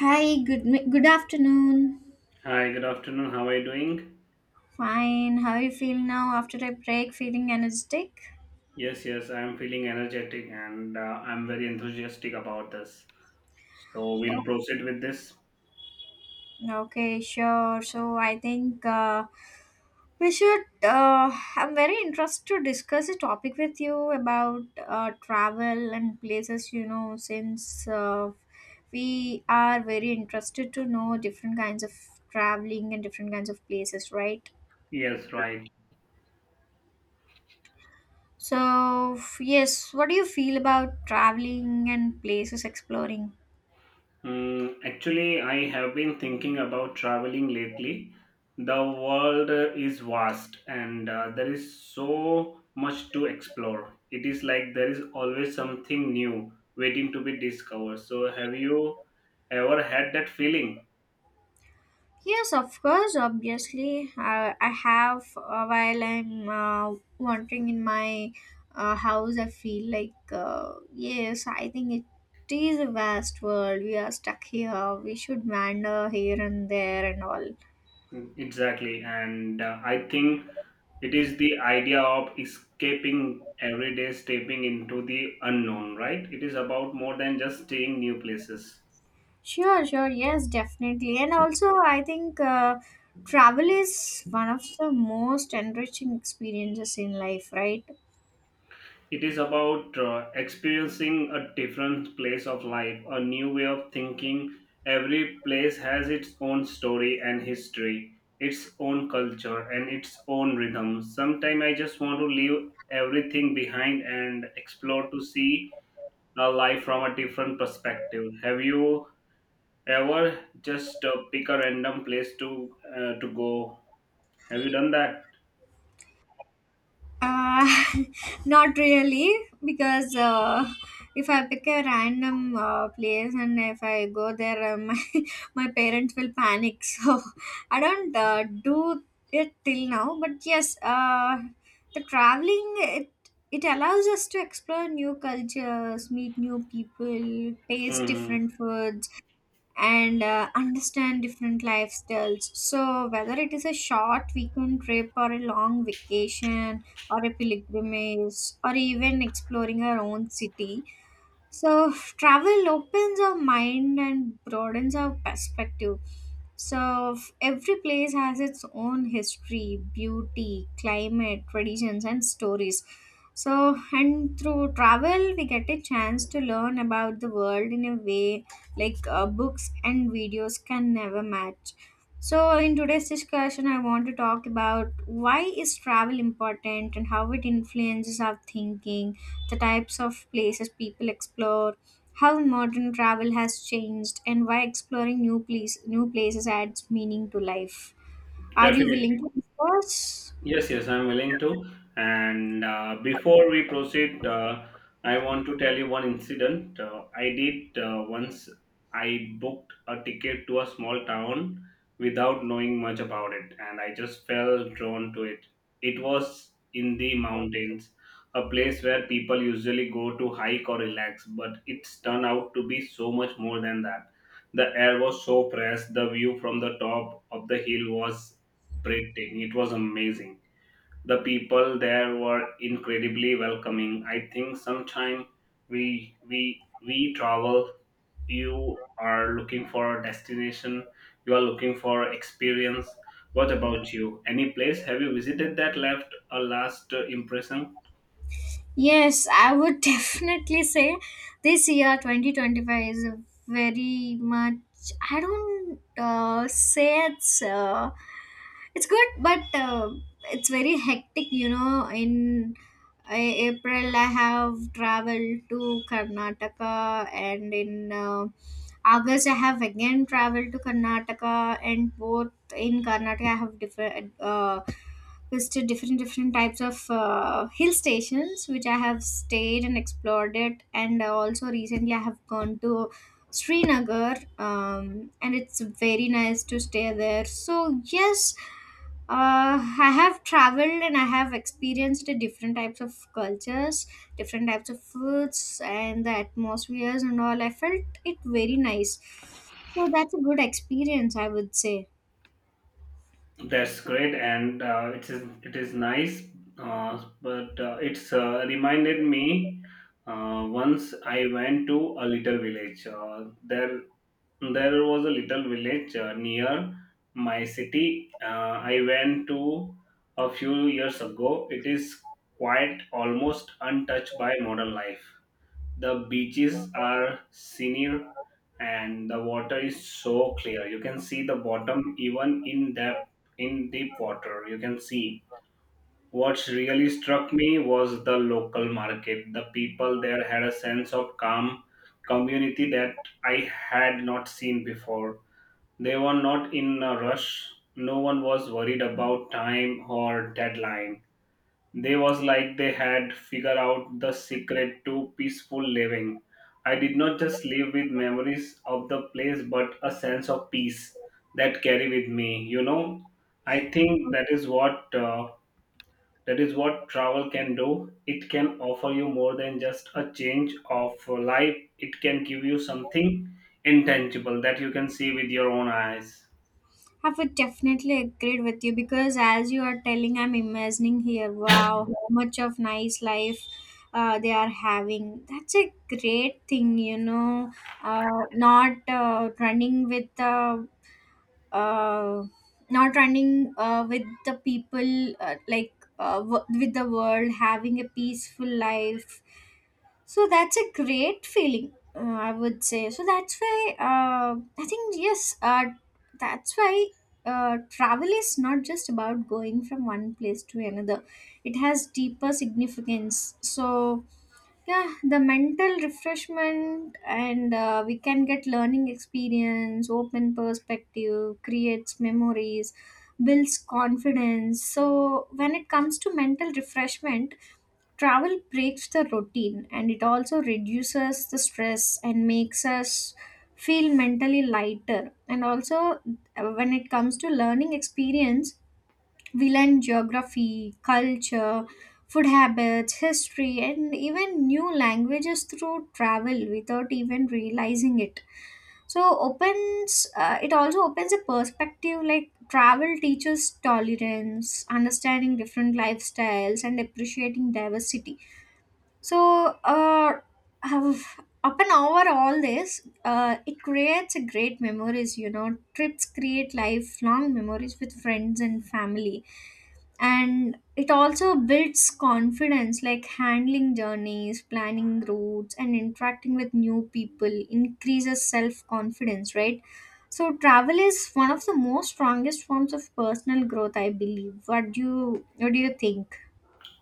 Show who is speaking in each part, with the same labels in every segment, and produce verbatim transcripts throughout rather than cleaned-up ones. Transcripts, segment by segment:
Speaker 1: Hi, good mi- good afternoon.
Speaker 2: Hi, good afternoon. How are you doing?
Speaker 1: Fine. How you feel now after I break? Feeling energetic?
Speaker 2: Yes, yes, I'm feeling energetic and uh, I'm very enthusiastic about this. So we'll
Speaker 1: Oh,
Speaker 2: proceed with this.
Speaker 1: okay, sure. So I think, uh, we should. Uh, I'm very interested to discuss a topic with you about uh, travel and places. You know, since uh, we are very interested to know different kinds of traveling and different kinds of places, right?
Speaker 2: Yes, right.
Speaker 1: So, f- yes, what do you feel about traveling and places exploring?
Speaker 2: Mm, actually, I have been thinking about traveling lately. The world uh, is vast and uh, there is so much to explore. It is like there is always something new waiting to be discovered. So, have you ever had that feeling?
Speaker 1: Yes, of course, obviously. Uh, I have uh, while I'm uh, wandering in my uh, house, I feel like, uh, yes, I think it is a vast world. We are stuck here. We should wander here and there and all.
Speaker 2: Mm, Exactly, and uh, I think it is the idea of escaping every day, stepping into the unknown, right? It is about more than just staying new places.
Speaker 1: Sure, sure, yes, definitely. And also, I think, uh, travel is one of the most enriching experiences in life, right?
Speaker 2: It is about uh, experiencing a different place of life, a new way of thinking. Every place has its own story and history, its own culture, and its own rhythm. Sometimes I just want to leave everything behind and explore to see uh, life from a different perspective. Have you ever just uh, pick a random place to uh, to go? Have you done that?
Speaker 1: Uh, not really, because uh, if I pick a random uh, place and if I go there, uh, my, my parents will panic. So I don't uh, do it till now. But yes, uh, the traveling it it allows us to explore new cultures, meet new people, taste
Speaker 2: Hmm.
Speaker 1: different foods, and uh, understand different lifestyles. So, whether it is a short weekend trip or a long vacation or a pilgrimage or even exploring our own city, so, travel opens our mind and broadens our perspective. So, every place has its own history, beauty, climate, traditions, and stories. So, and through travel, we get a chance to learn about the world in a way like uh, books and videos can never match. So, in today's discussion, I want to talk about why is travel important and how it influences our thinking, the types of places people explore, how modern travel has changed, and why exploring new place new places adds meaning to life. Are you willing
Speaker 2: Definitely.
Speaker 1: to discuss?
Speaker 2: Yes, yes, I'm willing to. And uh, before we proceed, uh, I want to tell you one incident. Uh, I did uh, once, I booked a ticket to a small town without knowing much about it, and I just fell drawn to it. It was in the mountains, a place where people usually go to hike or relax, but it's turned out to be so much more than that. The air was so fresh, the view from the top of the hill was breathtaking. It was amazing. The people there were incredibly welcoming. I think sometime we we we travel, you are looking for a destination, you are looking for experience. What about you? Any place have you visited that left a last uh, impression?
Speaker 1: Yes, I would definitely say this year twenty twenty-five is a very much, I don't uh, say it's uh, it's good, but uh, it's very hectic you know In uh, April I have traveled to Karnataka, and in uh, August, I have again traveled to Karnataka, and both in Karnataka, I have different uh, visited different different types of uh, hill stations, which I have stayed and explored it. And also recently, I have gone to Srinagar, um, and it's very nice to stay there. So yes, uh, I have traveled and I have experienced the different types of cultures, different types of foods, and the atmospheres and all. I felt it very nice. So that's a good experience, I would say.
Speaker 2: That's great, and uh, it is it is nice. Uh, but uh, it's uh, Reminded me uh, once I went to a little village. Uh, there There was a little village uh, near my city. Uh, I went to a few years ago. It is quite almost untouched by modern life. The beaches are senior and the water is so clear. You can see the bottom even in depth, in deep water. You can see. What really struck me was the local market. The people there had a sense of calm community that I had not seen before. They were not in a rush. No one was worried about time or deadline. They was like they had figured out the secret to peaceful living. I did not just live with memories of the place but a sense of peace that carry with me, you know. I think that is what uh, that is what travel can do. It can offer you more than just a change of life. It can give you something intangible that you can see with your own eyes.
Speaker 1: I would definitely agree with you because as you are telling, I'm imagining here, wow, how much of nice life uh, they are having. That's a great thing, you know, uh, not uh, running with the, uh, not running uh, with the people uh, like, uh, w- with the world, having a peaceful life. So that's a great feeling, uh, I would say. So that's why uh, I think yes, uh, that's why uh, travel is not just about going from one place to another. It has deeper significance. So yeah, the mental refreshment, and uh, we can get learning experience, open perspective, creates memories, builds confidence. So when it comes to mental refreshment, travel breaks the routine and it also reduces the stress and makes us feel mentally lighter. And also, uh, when it comes to learning experience, we learn geography, culture, food habits, history, and even new languages through travel without even realizing it. So opens uh, it also opens a perspective, like travel teaches tolerance, understanding different lifestyles, and appreciating diversity. So, uh, have- upon over all this, uh, it creates a great memories. You know, trips create lifelong memories with friends and family, and it also builds confidence, like handling journeys, planning routes, and interacting with new people increases self confidence, right? So, travel is one of the most strongest forms of personal growth, I believe. What do you what do you think?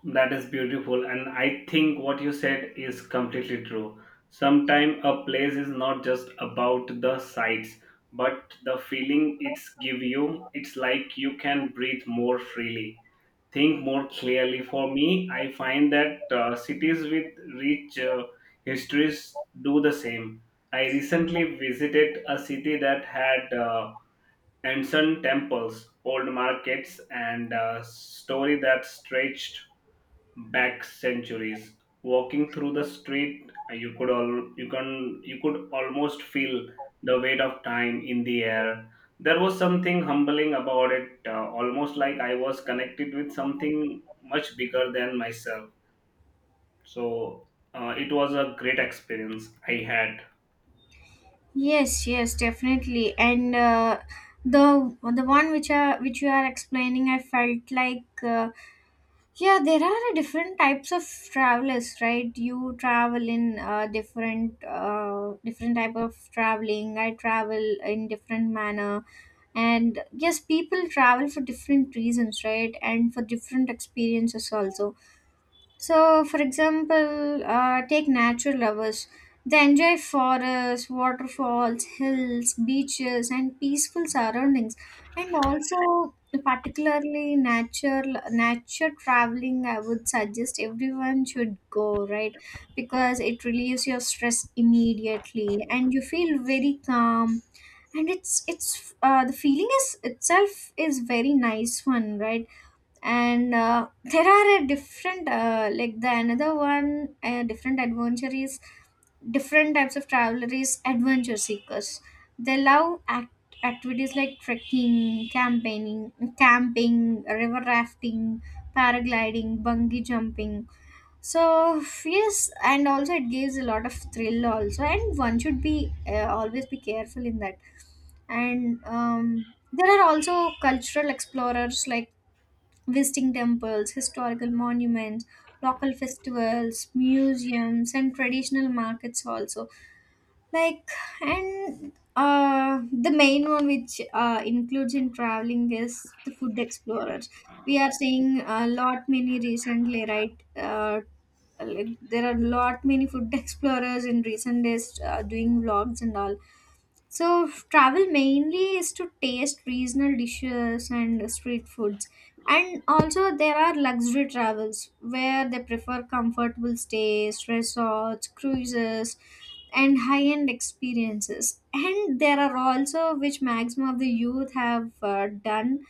Speaker 2: That is beautiful, and I think what you said is completely true. Sometimes a place is not just about the sights, but the feeling it's give you. It's like you can breathe more freely, think more clearly. For me, I find that uh, cities with rich uh, histories do the same. I recently visited a city that had uh, ancient temples, old markets, and a story that stretched back centuries. Walking through the street, uh, you could all you can you could almost feel the weight of time in the air. There was something humbling about it, uh, almost like I was connected with something much bigger than myself. So uh, it was a great experience I had.
Speaker 1: Yes, yes, definitely. And uh, the the one which are which you are explaining, I felt like, uh, yeah, there are different types of travelers, right? You travel in uh, different uh, different type of traveling. I travel in different manner, and yes, people travel for different reasons, right? And for different experiences also. So, for example, uh, take natural lovers. They enjoy forests, waterfalls, hills, beaches, and peaceful surroundings. And also, particularly nature, nature traveling. I would suggest everyone should go, right? Because it relieves your stress immediately, and you feel very calm. And it's it's uh, the feeling is itself is very nice one, right? And uh, there are a different, uh, like, the another one uh, different adventure is different types of traveler is adventure seekers. They love act- activities like trekking, campaigning, camping, river rafting, paragliding, bungee jumping. So yes, and also it gives a lot of thrill also, and one should be uh, always be careful in that. And um, there are also cultural explorers, like visiting temples, historical monuments, local festivals, museums, and traditional markets also. Like, and uh, the main one which uh, includes in traveling is the food explorers. We are seeing a lot many recently, right? Uh, like, there are lot many food explorers in recent days uh, doing vlogs and all. So travel mainly is to taste regional dishes and street foods. And also there are luxury travels where they prefer comfortable stays, resorts, cruises and high-end experiences. And there are also which maximum of the youth have uh, done,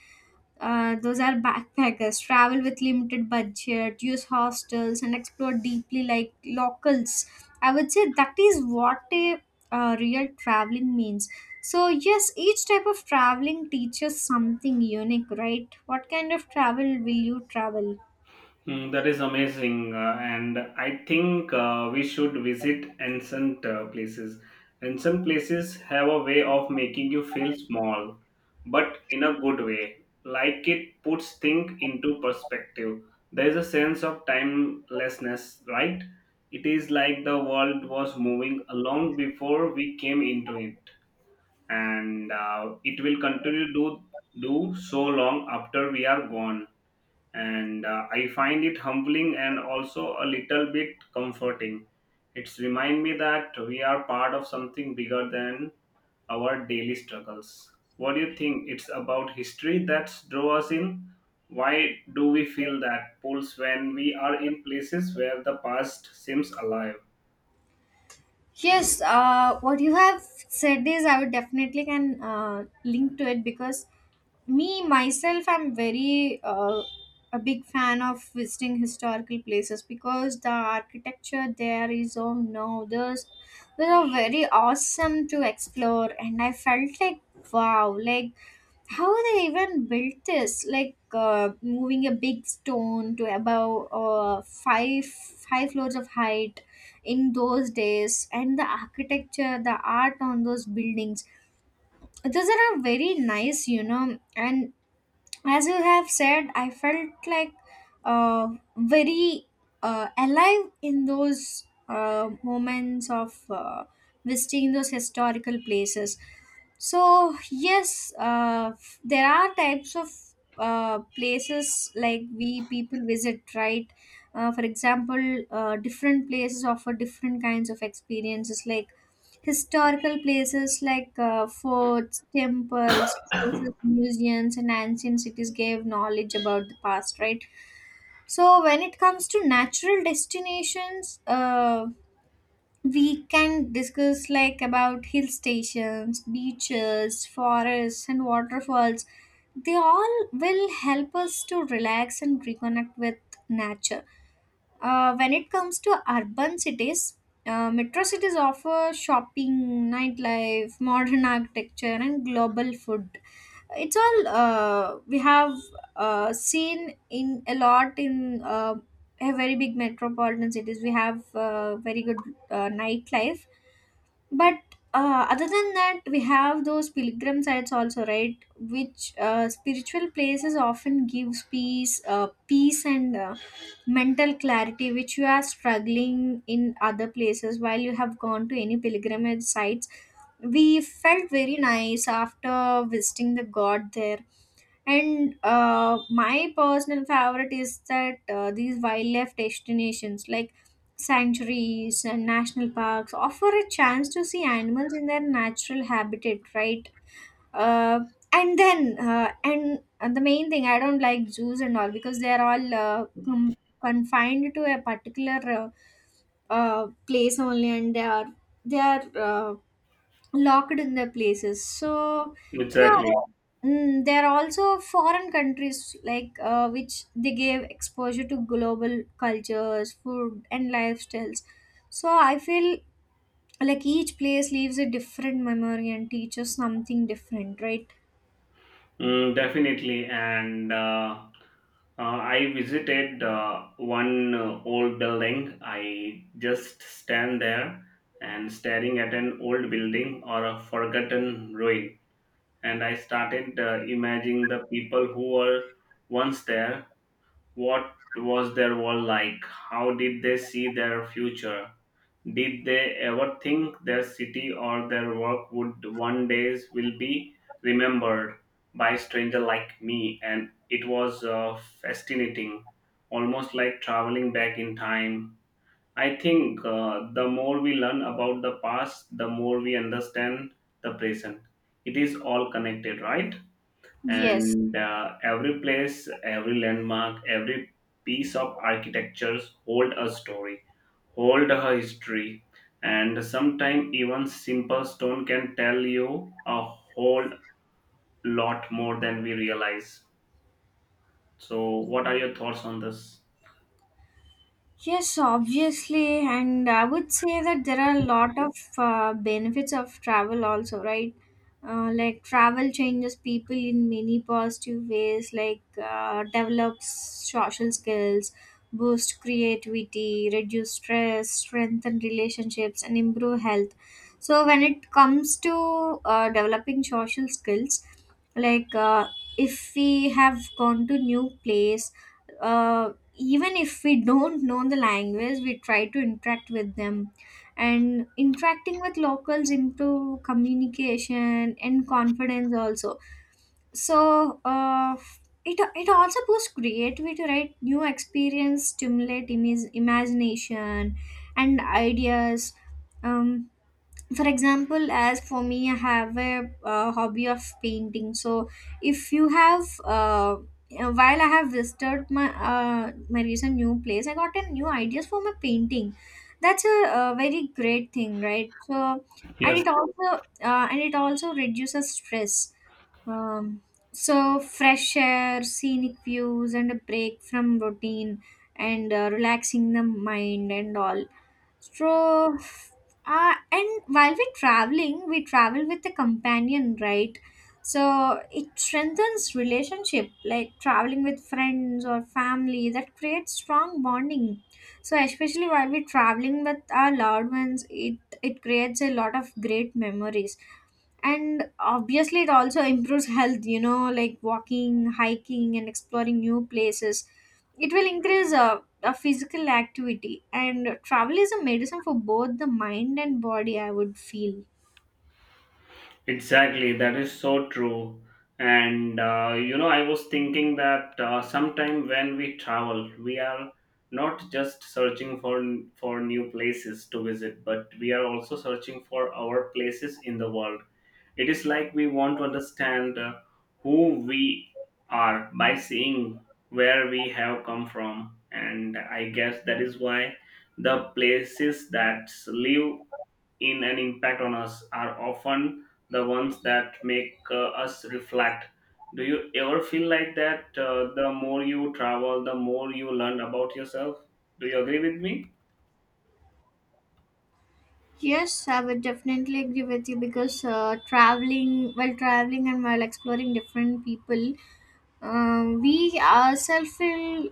Speaker 1: uh, those are backpackers, travel with limited budget, use hostels, and explore deeply like locals. I would say that is what a uh, real traveling means. So, yes, each type of traveling teaches something unique, right? What kind of travel will you travel?
Speaker 2: Mm, that is amazing, uh, and I think uh, we should visit ancient uh, places. Ancient places have a way of making you feel small, but in a good way. Like it puts things into perspective. There is a sense of timelessness, right? It is like the world was moving along before we came into it, and uh, it will continue to do so long after we are gone. And uh, I find it humbling and also a little bit comforting. It's remind me that we are part of something bigger than our daily struggles. What do you think it's about history that draw us in? Why do we feel that pulse when we are in places where the past seems alive?
Speaker 1: Yes, uh, what you have said is I would definitely can uh, link to it, because me myself, I'm very uh, a big fan of visiting historical places, because the architecture there is, oh no, there's, they are very awesome to explore, and I felt like, wow, like how they even built this, like uh, moving a big stone to above uh, five five floors of height in those days, and the architecture, the art on those buildings, those are a very nice, you know. And as you have said, I felt like, uh, very uh, alive in those uh, moments of uh, visiting those historical places. So, yes, uh, f- there are types of uh, places like we people visit, right? Uh, for example, uh, different places offer different kinds of experiences. Like historical places, like uh, forts, temples, places, museums, and ancient cities gave knowledge about the past, right? So, when it comes to natural destinations, uh, we can discuss like about hill stations, beaches, forests, and waterfalls. They all will help us to relax and reconnect with nature. Uh, when it comes to urban cities, uh, metro cities offer shopping, nightlife, modern architecture, and global food. It's all uh, we have uh, seen in a lot in uh, a very big metropolitan cities. We have uh, very good uh, nightlife, but uh, other than that, we have those pilgrim sites also, right? Which uh, spiritual places often gives peace, uh, peace and uh, mental clarity, which you are struggling in other places while you have gone to any pilgrimage sites. We felt very nice after visiting the god there. And uh, my personal favorite is that uh, these wildlife destinations like sanctuaries and national parks offer a chance to see animals in their natural habitat, right? Uh, and then, uh, and uh, The main thing, I don't like zoos and all because they are all uh, com- confined to a particular uh, uh, place only, and they are they are. Uh, locked in their places, so yeah.
Speaker 2: Exactly.
Speaker 1: Mm, there are also foreign countries like uh, which they gave exposure to global cultures, food and lifestyles. So I feel like each place leaves a different memory and teaches something different, right?
Speaker 2: Mm, definitely. And uh, uh, I visited uh, one uh, old building. I just stand there and staring at an old building or a forgotten ruin. And I started uh, imagining the people who were once there. What was their world like? How did they see their future? Did they ever think their city or their work would one day will be remembered by a stranger like me? And it was uh, fascinating, almost like traveling back in time. I think uh, the more we learn about the past, the more we understand the present. It is all connected, right?
Speaker 1: Yes,
Speaker 2: And uh, every place, every landmark, every piece of architectures hold a story, old history, and sometimes even simple stone can tell you a whole lot more than we realize. So, what are your thoughts on this?
Speaker 1: yes, obviously, and I would say that there are a lot of uh, benefits of travel also, right? Uh, like travel changes people in many positive ways, like uh, develops social skills, boost creativity, reduce stress, strengthen relationships, and improve health. So when it comes to uh, developing social skills, like uh, if we have gone to new place uh, even if we don't know the language, we try to interact with them, and interacting with locals into communication and confidence also. So uh, it, it also boosts creativity, right? New experience stimulate imag- imagination and ideas. um, for example, as for me, I have a uh, hobby of painting. So if you have uh, uh, while I have visited my uh, my recent new place, I got a new ideas for my painting. That's a, uh very great thing, right? So and
Speaker 2: Yes,
Speaker 1: it also uh, and it also reduces stress. um, so fresh air, scenic views, and a break from routine, and uh, relaxing the mind and all. so, uh, and while we're traveling, we travel with a companion, right? So it strengthens relationship, like traveling with friends or family, that creates strong bonding. So especially while we're traveling with our loved ones, it it creates a lot of great memories. And obviously, it also improves health. You know, like walking, hiking, and exploring new places. It will increase uh, uh, physical activity, and travel is a medicine for both the mind and body, I would feel.
Speaker 2: exactly. That is so true. And uh, you know, I was thinking that uh, sometime when we travel, we are not just searching for, for new places to visit, but we are also searching for our places in the world. It is like we want to understand uh, who we are by seeing where we have come from. And I guess that is why the places that live in an impact on us are often the ones that make uh, us reflect. Do you ever feel like that uh, the more you travel, the more you learn about yourself? Do you agree with me?
Speaker 1: Yes, I would definitely agree with you, because uh, traveling, while traveling and while exploring different people, um, we ourselves will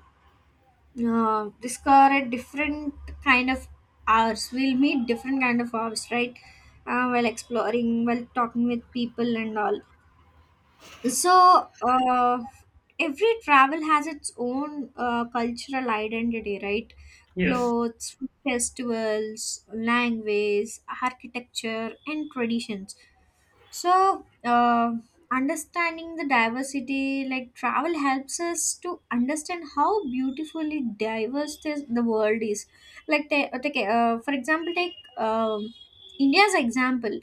Speaker 1: uh, discover a different kind of hours. We'll meet different kind of hours, right? Uh, while exploring, while talking with people and all. So, uh, every travel has its own uh, cultural identity, right?
Speaker 2: Yes,
Speaker 1: Clothes, festivals, language, architecture, and traditions. So, uh, Understanding the diversity, like travel, helps us to understand how beautifully diverse this, the world is. Like, take, take uh, for example, take um India's example.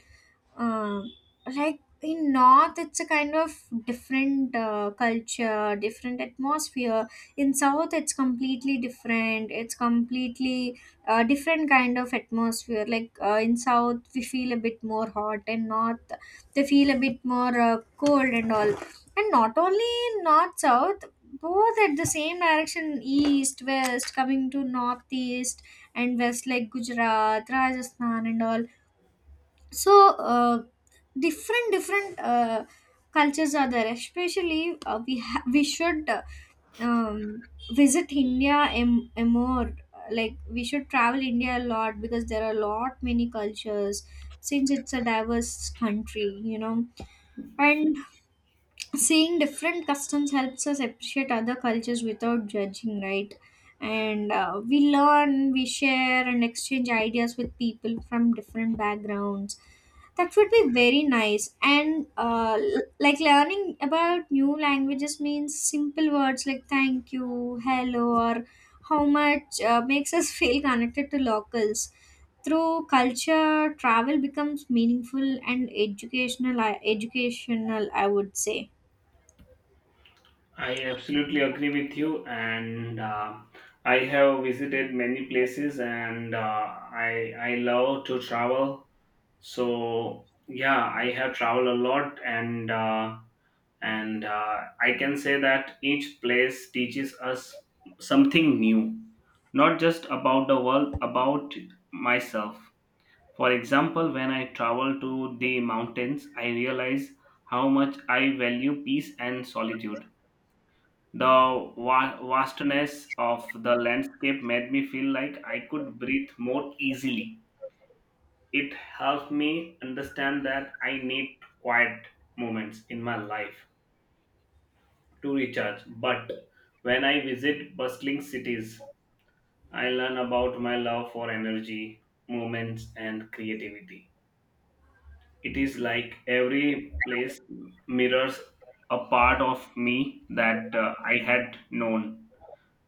Speaker 1: um, like in north, it's a kind of different uh, culture, different atmosphere. In south, it's completely different. It's completely uh, different kind of atmosphere. like uh, in south, we feel a bit more hot, and north, they feel a bit more uh, cold and all. And not only in north, south, both at the same direction, east, west, coming to northeast and west, like Gujarat, Rajasthan, and all. So uh, different different uh, cultures are there. Especially uh, we ha- we should uh, um, visit India em- em more. Like we should travel India a lot, because there are a lot many cultures, since it's a diverse country, you know. And seeing different customs helps us appreciate other cultures without judging, right? And uh, we learn, we share and exchange ideas with people from different backgrounds. That would be very nice. And uh, l- like learning about new languages means simple words like thank you, hello, or how much uh, makes us feel connected to locals. Through culture, travel becomes meaningful and educational educational, I would say.
Speaker 2: I absolutely agree with you, and uh, I have visited many places, and uh, I I love to travel. So yeah, I have traveled a lot, and uh, and uh, I can say that each place teaches us something new, not just about the world, about myself. For example, when I travel to the mountains, I realize how much I value peace and solitude. The va- vastness of the landscape made me feel like I could breathe more easily. It helped me understand that I need quiet moments in my life to recharge. But when I visit bustling cities, I learn about my love for energy, moments, and creativity. It is like every place mirrors a part of me that uh, I had known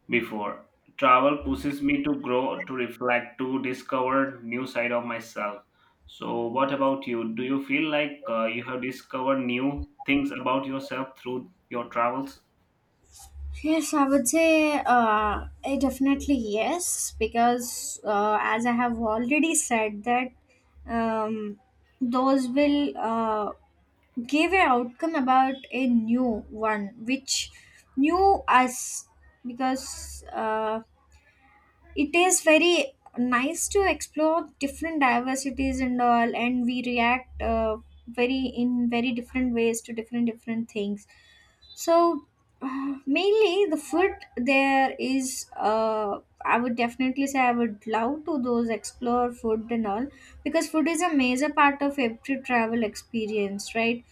Speaker 2: before. Travel pushes me to grow, to reflect, to discover new side of myself. So, what about you? Do you feel like uh, you have discovered new things about yourself through your travels?
Speaker 1: Yes, I would say uh, eh, definitely yes, because uh, as I have already said that, um, those will uh, give a outcome about a new one, which new us. Because uh, it is very nice to explore different diversities and all, and we react uh, very in very different ways to different different things. So uh, mainly the food there is uh, I would definitely say I would love to those explore food and all, because food is a major part of every travel experience, right?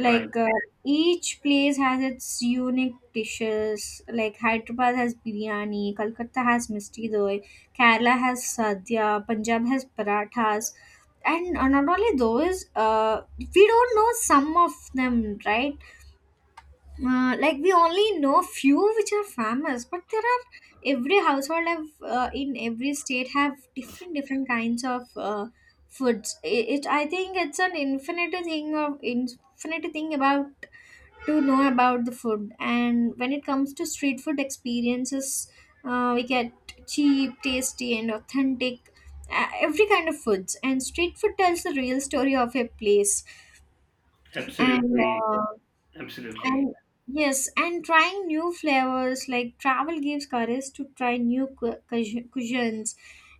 Speaker 2: Right.
Speaker 1: uh, each place has its unique dishes, like Hyderabad has biryani, Kolkata has misti doi, Kerala has sadhya, Punjab has parathas. And uh, not only those, uh, we don't know some of them, right? Uh, like we only know few which are famous, but there are every household have uh, in every state have different different kinds of uh, foods. It, it I think it's an infinite thing of infinite thing about to know about the food. And when it comes to street food experiences, uh, we get cheap, tasty, and authentic uh, every kind of foods. And street food tells the real story of a place. And
Speaker 2: Absolutely.
Speaker 1: uh,
Speaker 2: Absolutely.
Speaker 1: and yes, and trying new flavors, like travel gives courage to try new cu- cuis- cuisines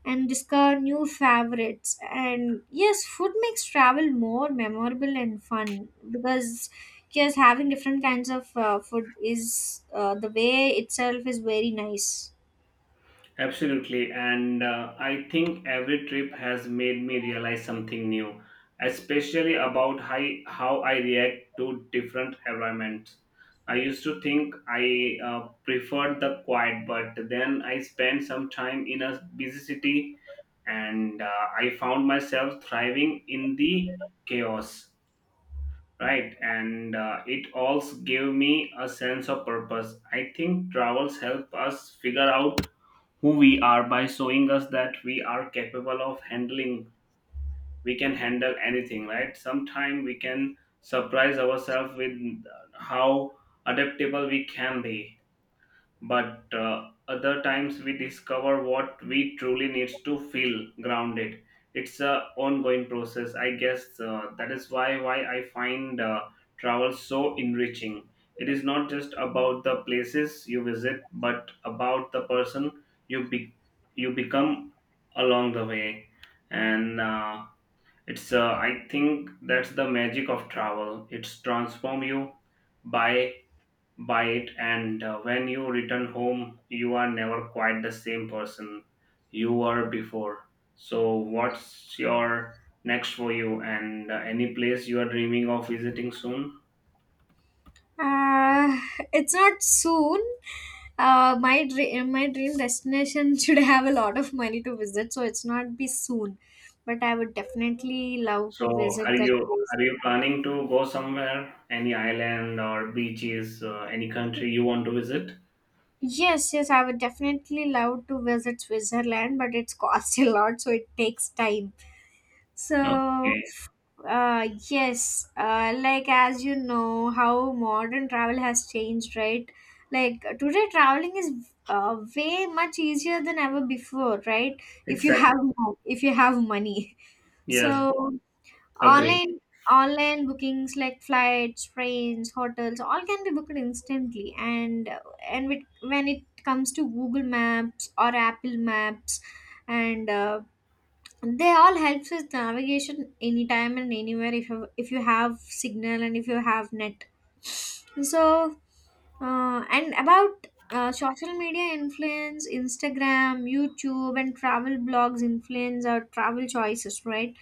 Speaker 1: and discover new favorites. And yes, food makes travel more memorable and fun, because just having different kinds of uh, food is uh, the way itself is very nice.
Speaker 2: Absolutely. And uh, I think every trip has made me realize something new, especially about how, how I react to different environments. I used to think I uh, preferred the quiet, but then I spent some time in a busy city and uh, I found myself thriving in the chaos. Right, and uh, it also gave me a sense of purpose. I think travels help us figure out who we are by showing us that we are capable of handling, we can handle anything, right? Sometime we can surprise ourselves with how adaptable we can be, but uh, other times we discover what we truly needs to feel grounded. It's a ongoing process, I guess. Uh, that is why why I find uh, travel so enriching. It is not just about the places you visit but about the person you be- you become along the way. And uh, it's uh, I think that's the magic of travel. It's transform you by by it. And uh, when you return home you are never quite the same person you were before. So what's your next for you, and uh, any place you are dreaming of visiting soon?
Speaker 1: Uh, it's not soon. Uh, my dream, my dream destination should have a lot of money to visit, so it's not be soon. But I would definitely love
Speaker 2: So,
Speaker 1: to
Speaker 2: are
Speaker 1: visit that
Speaker 2: you
Speaker 1: place.
Speaker 2: are you planning to go somewhere, any island or beaches, uh, any country you want to visit?
Speaker 1: Yes, yes, I would definitely love to visit Switzerland, but it's cost a lot, so it takes time. So
Speaker 2: Okay.
Speaker 1: Uh, yes, uh, like as you know, how modern travel has changed, right? Like today, traveling is uh, way much easier than ever before, right? If you
Speaker 2: Exactly.
Speaker 1: have mo- if you have money, so
Speaker 2: Yes. Agree.
Speaker 1: online online bookings like flights, trains, hotels, all can be booked instantly. And uh, and with, when it comes to Google Maps or Apple Maps, and uh, they all helps with navigation anytime and anywhere, if you if you have signal and if you have net. So uh, and about uh, social media influence, Instagram, YouTube, and travel blogs influence our travel choices, right?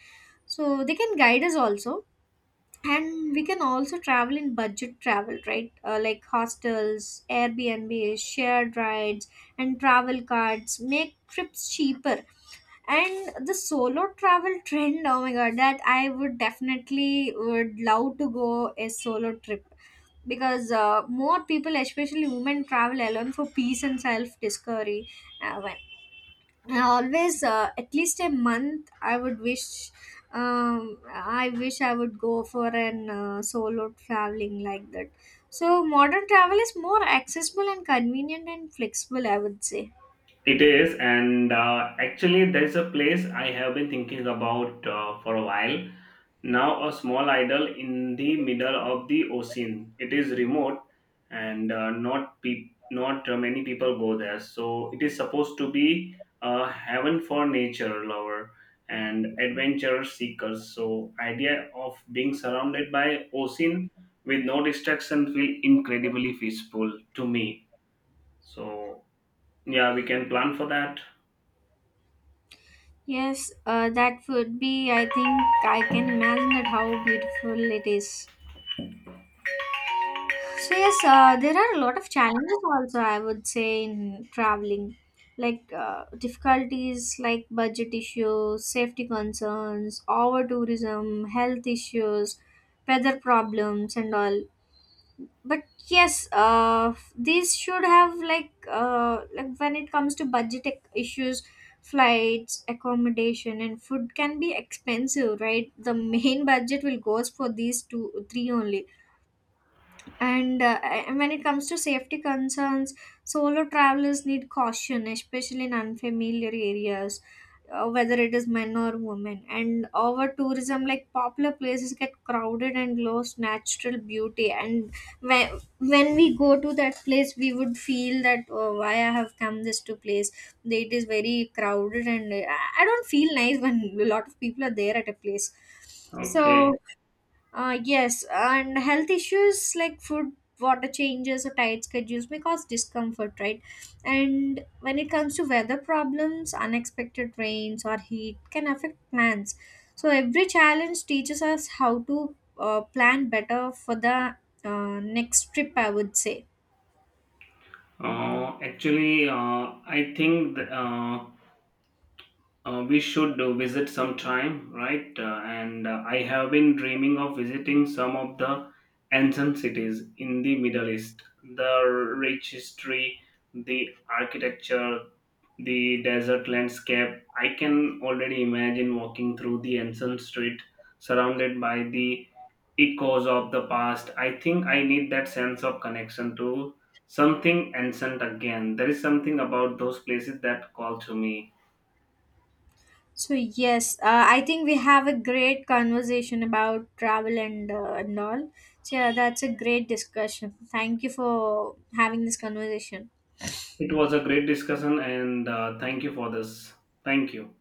Speaker 1: So they can guide us also. And we can also travel in budget travel, right? Uh, like hostels, Airbnb, shared rides, and travel cards make trips cheaper. And the solo travel trend, oh my god, that I would definitely would love to go a solo trip, because uh, more people, especially women, travel alone for peace and self discovery. Uh, when I always uh, at least a month, I would wish, um, I wish I would go for an uh, solo traveling like that. So modern travel is more accessible and convenient and flexible, I would say.
Speaker 2: It is, and uh, actually there's a place I have been thinking about uh, for a while now, a small idol in the middle of the ocean. It is remote and uh, not pe- not uh, many people go there. So it is supposed to be a heaven for nature lover and adventure seekers. So idea of being surrounded by ocean with no distraction feel incredibly peaceful to me. So yeah, we can plan for that.
Speaker 1: Yes, uh, that would be. I think I can imagine that how beautiful it is. So yes, uh, there are a lot of challenges also, I would say, in traveling, like uh, difficulties like budget issues, safety concerns, over tourism, health issues, weather problems, and all. But yes, uh these should have, like uh like when it comes to budget ec- issues, flights, accommodation, and food can be expensive, right? The main budget will goes for these two three only. And uh, and when it comes to safety concerns, solo travelers need caution, especially in unfamiliar areas, uh, whether it is men or women. And over tourism, like popular places get crowded and lose natural beauty. And when, when we go to that place, we would feel that, oh, why I have come this to place, it is very crowded. And uh, i I don't feel nice when a lot of people are there at a place. So
Speaker 2: Okay.
Speaker 1: uh, yes, and health issues like food, water changes, or tight schedules may cause discomfort, right? And when it comes to weather problems, unexpected rains or heat can affect plans. So every challenge teaches us how to uh, plan better for the uh, next trip, I would say.
Speaker 2: Uh, actually, uh, I think th- uh, Uh, we should uh, visit sometime, right? Uh, and uh, I have been dreaming of visiting some of the ancient cities in the Middle East. The rich history, the architecture, the desert landscape. I can already imagine walking through the ancient street surrounded by the echoes of the past. I think I need that sense of connection to something ancient again. There is something about those places that call to me.
Speaker 1: So yes, uh, I think we have a great conversation about travel and uh, and all. So yeah, that's a great discussion. Thank you for having this conversation.
Speaker 2: It was a great discussion, and uh, thank you for this. Thank you.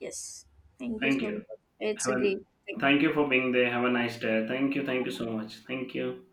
Speaker 1: Yes. Thank you
Speaker 2: Thank
Speaker 1: so much.
Speaker 2: you.
Speaker 1: It's
Speaker 2: Have
Speaker 1: a
Speaker 2: a,
Speaker 1: great thing.
Speaker 2: thank you for being there. Have a nice day. Thank you. Thank you so much. Thank you.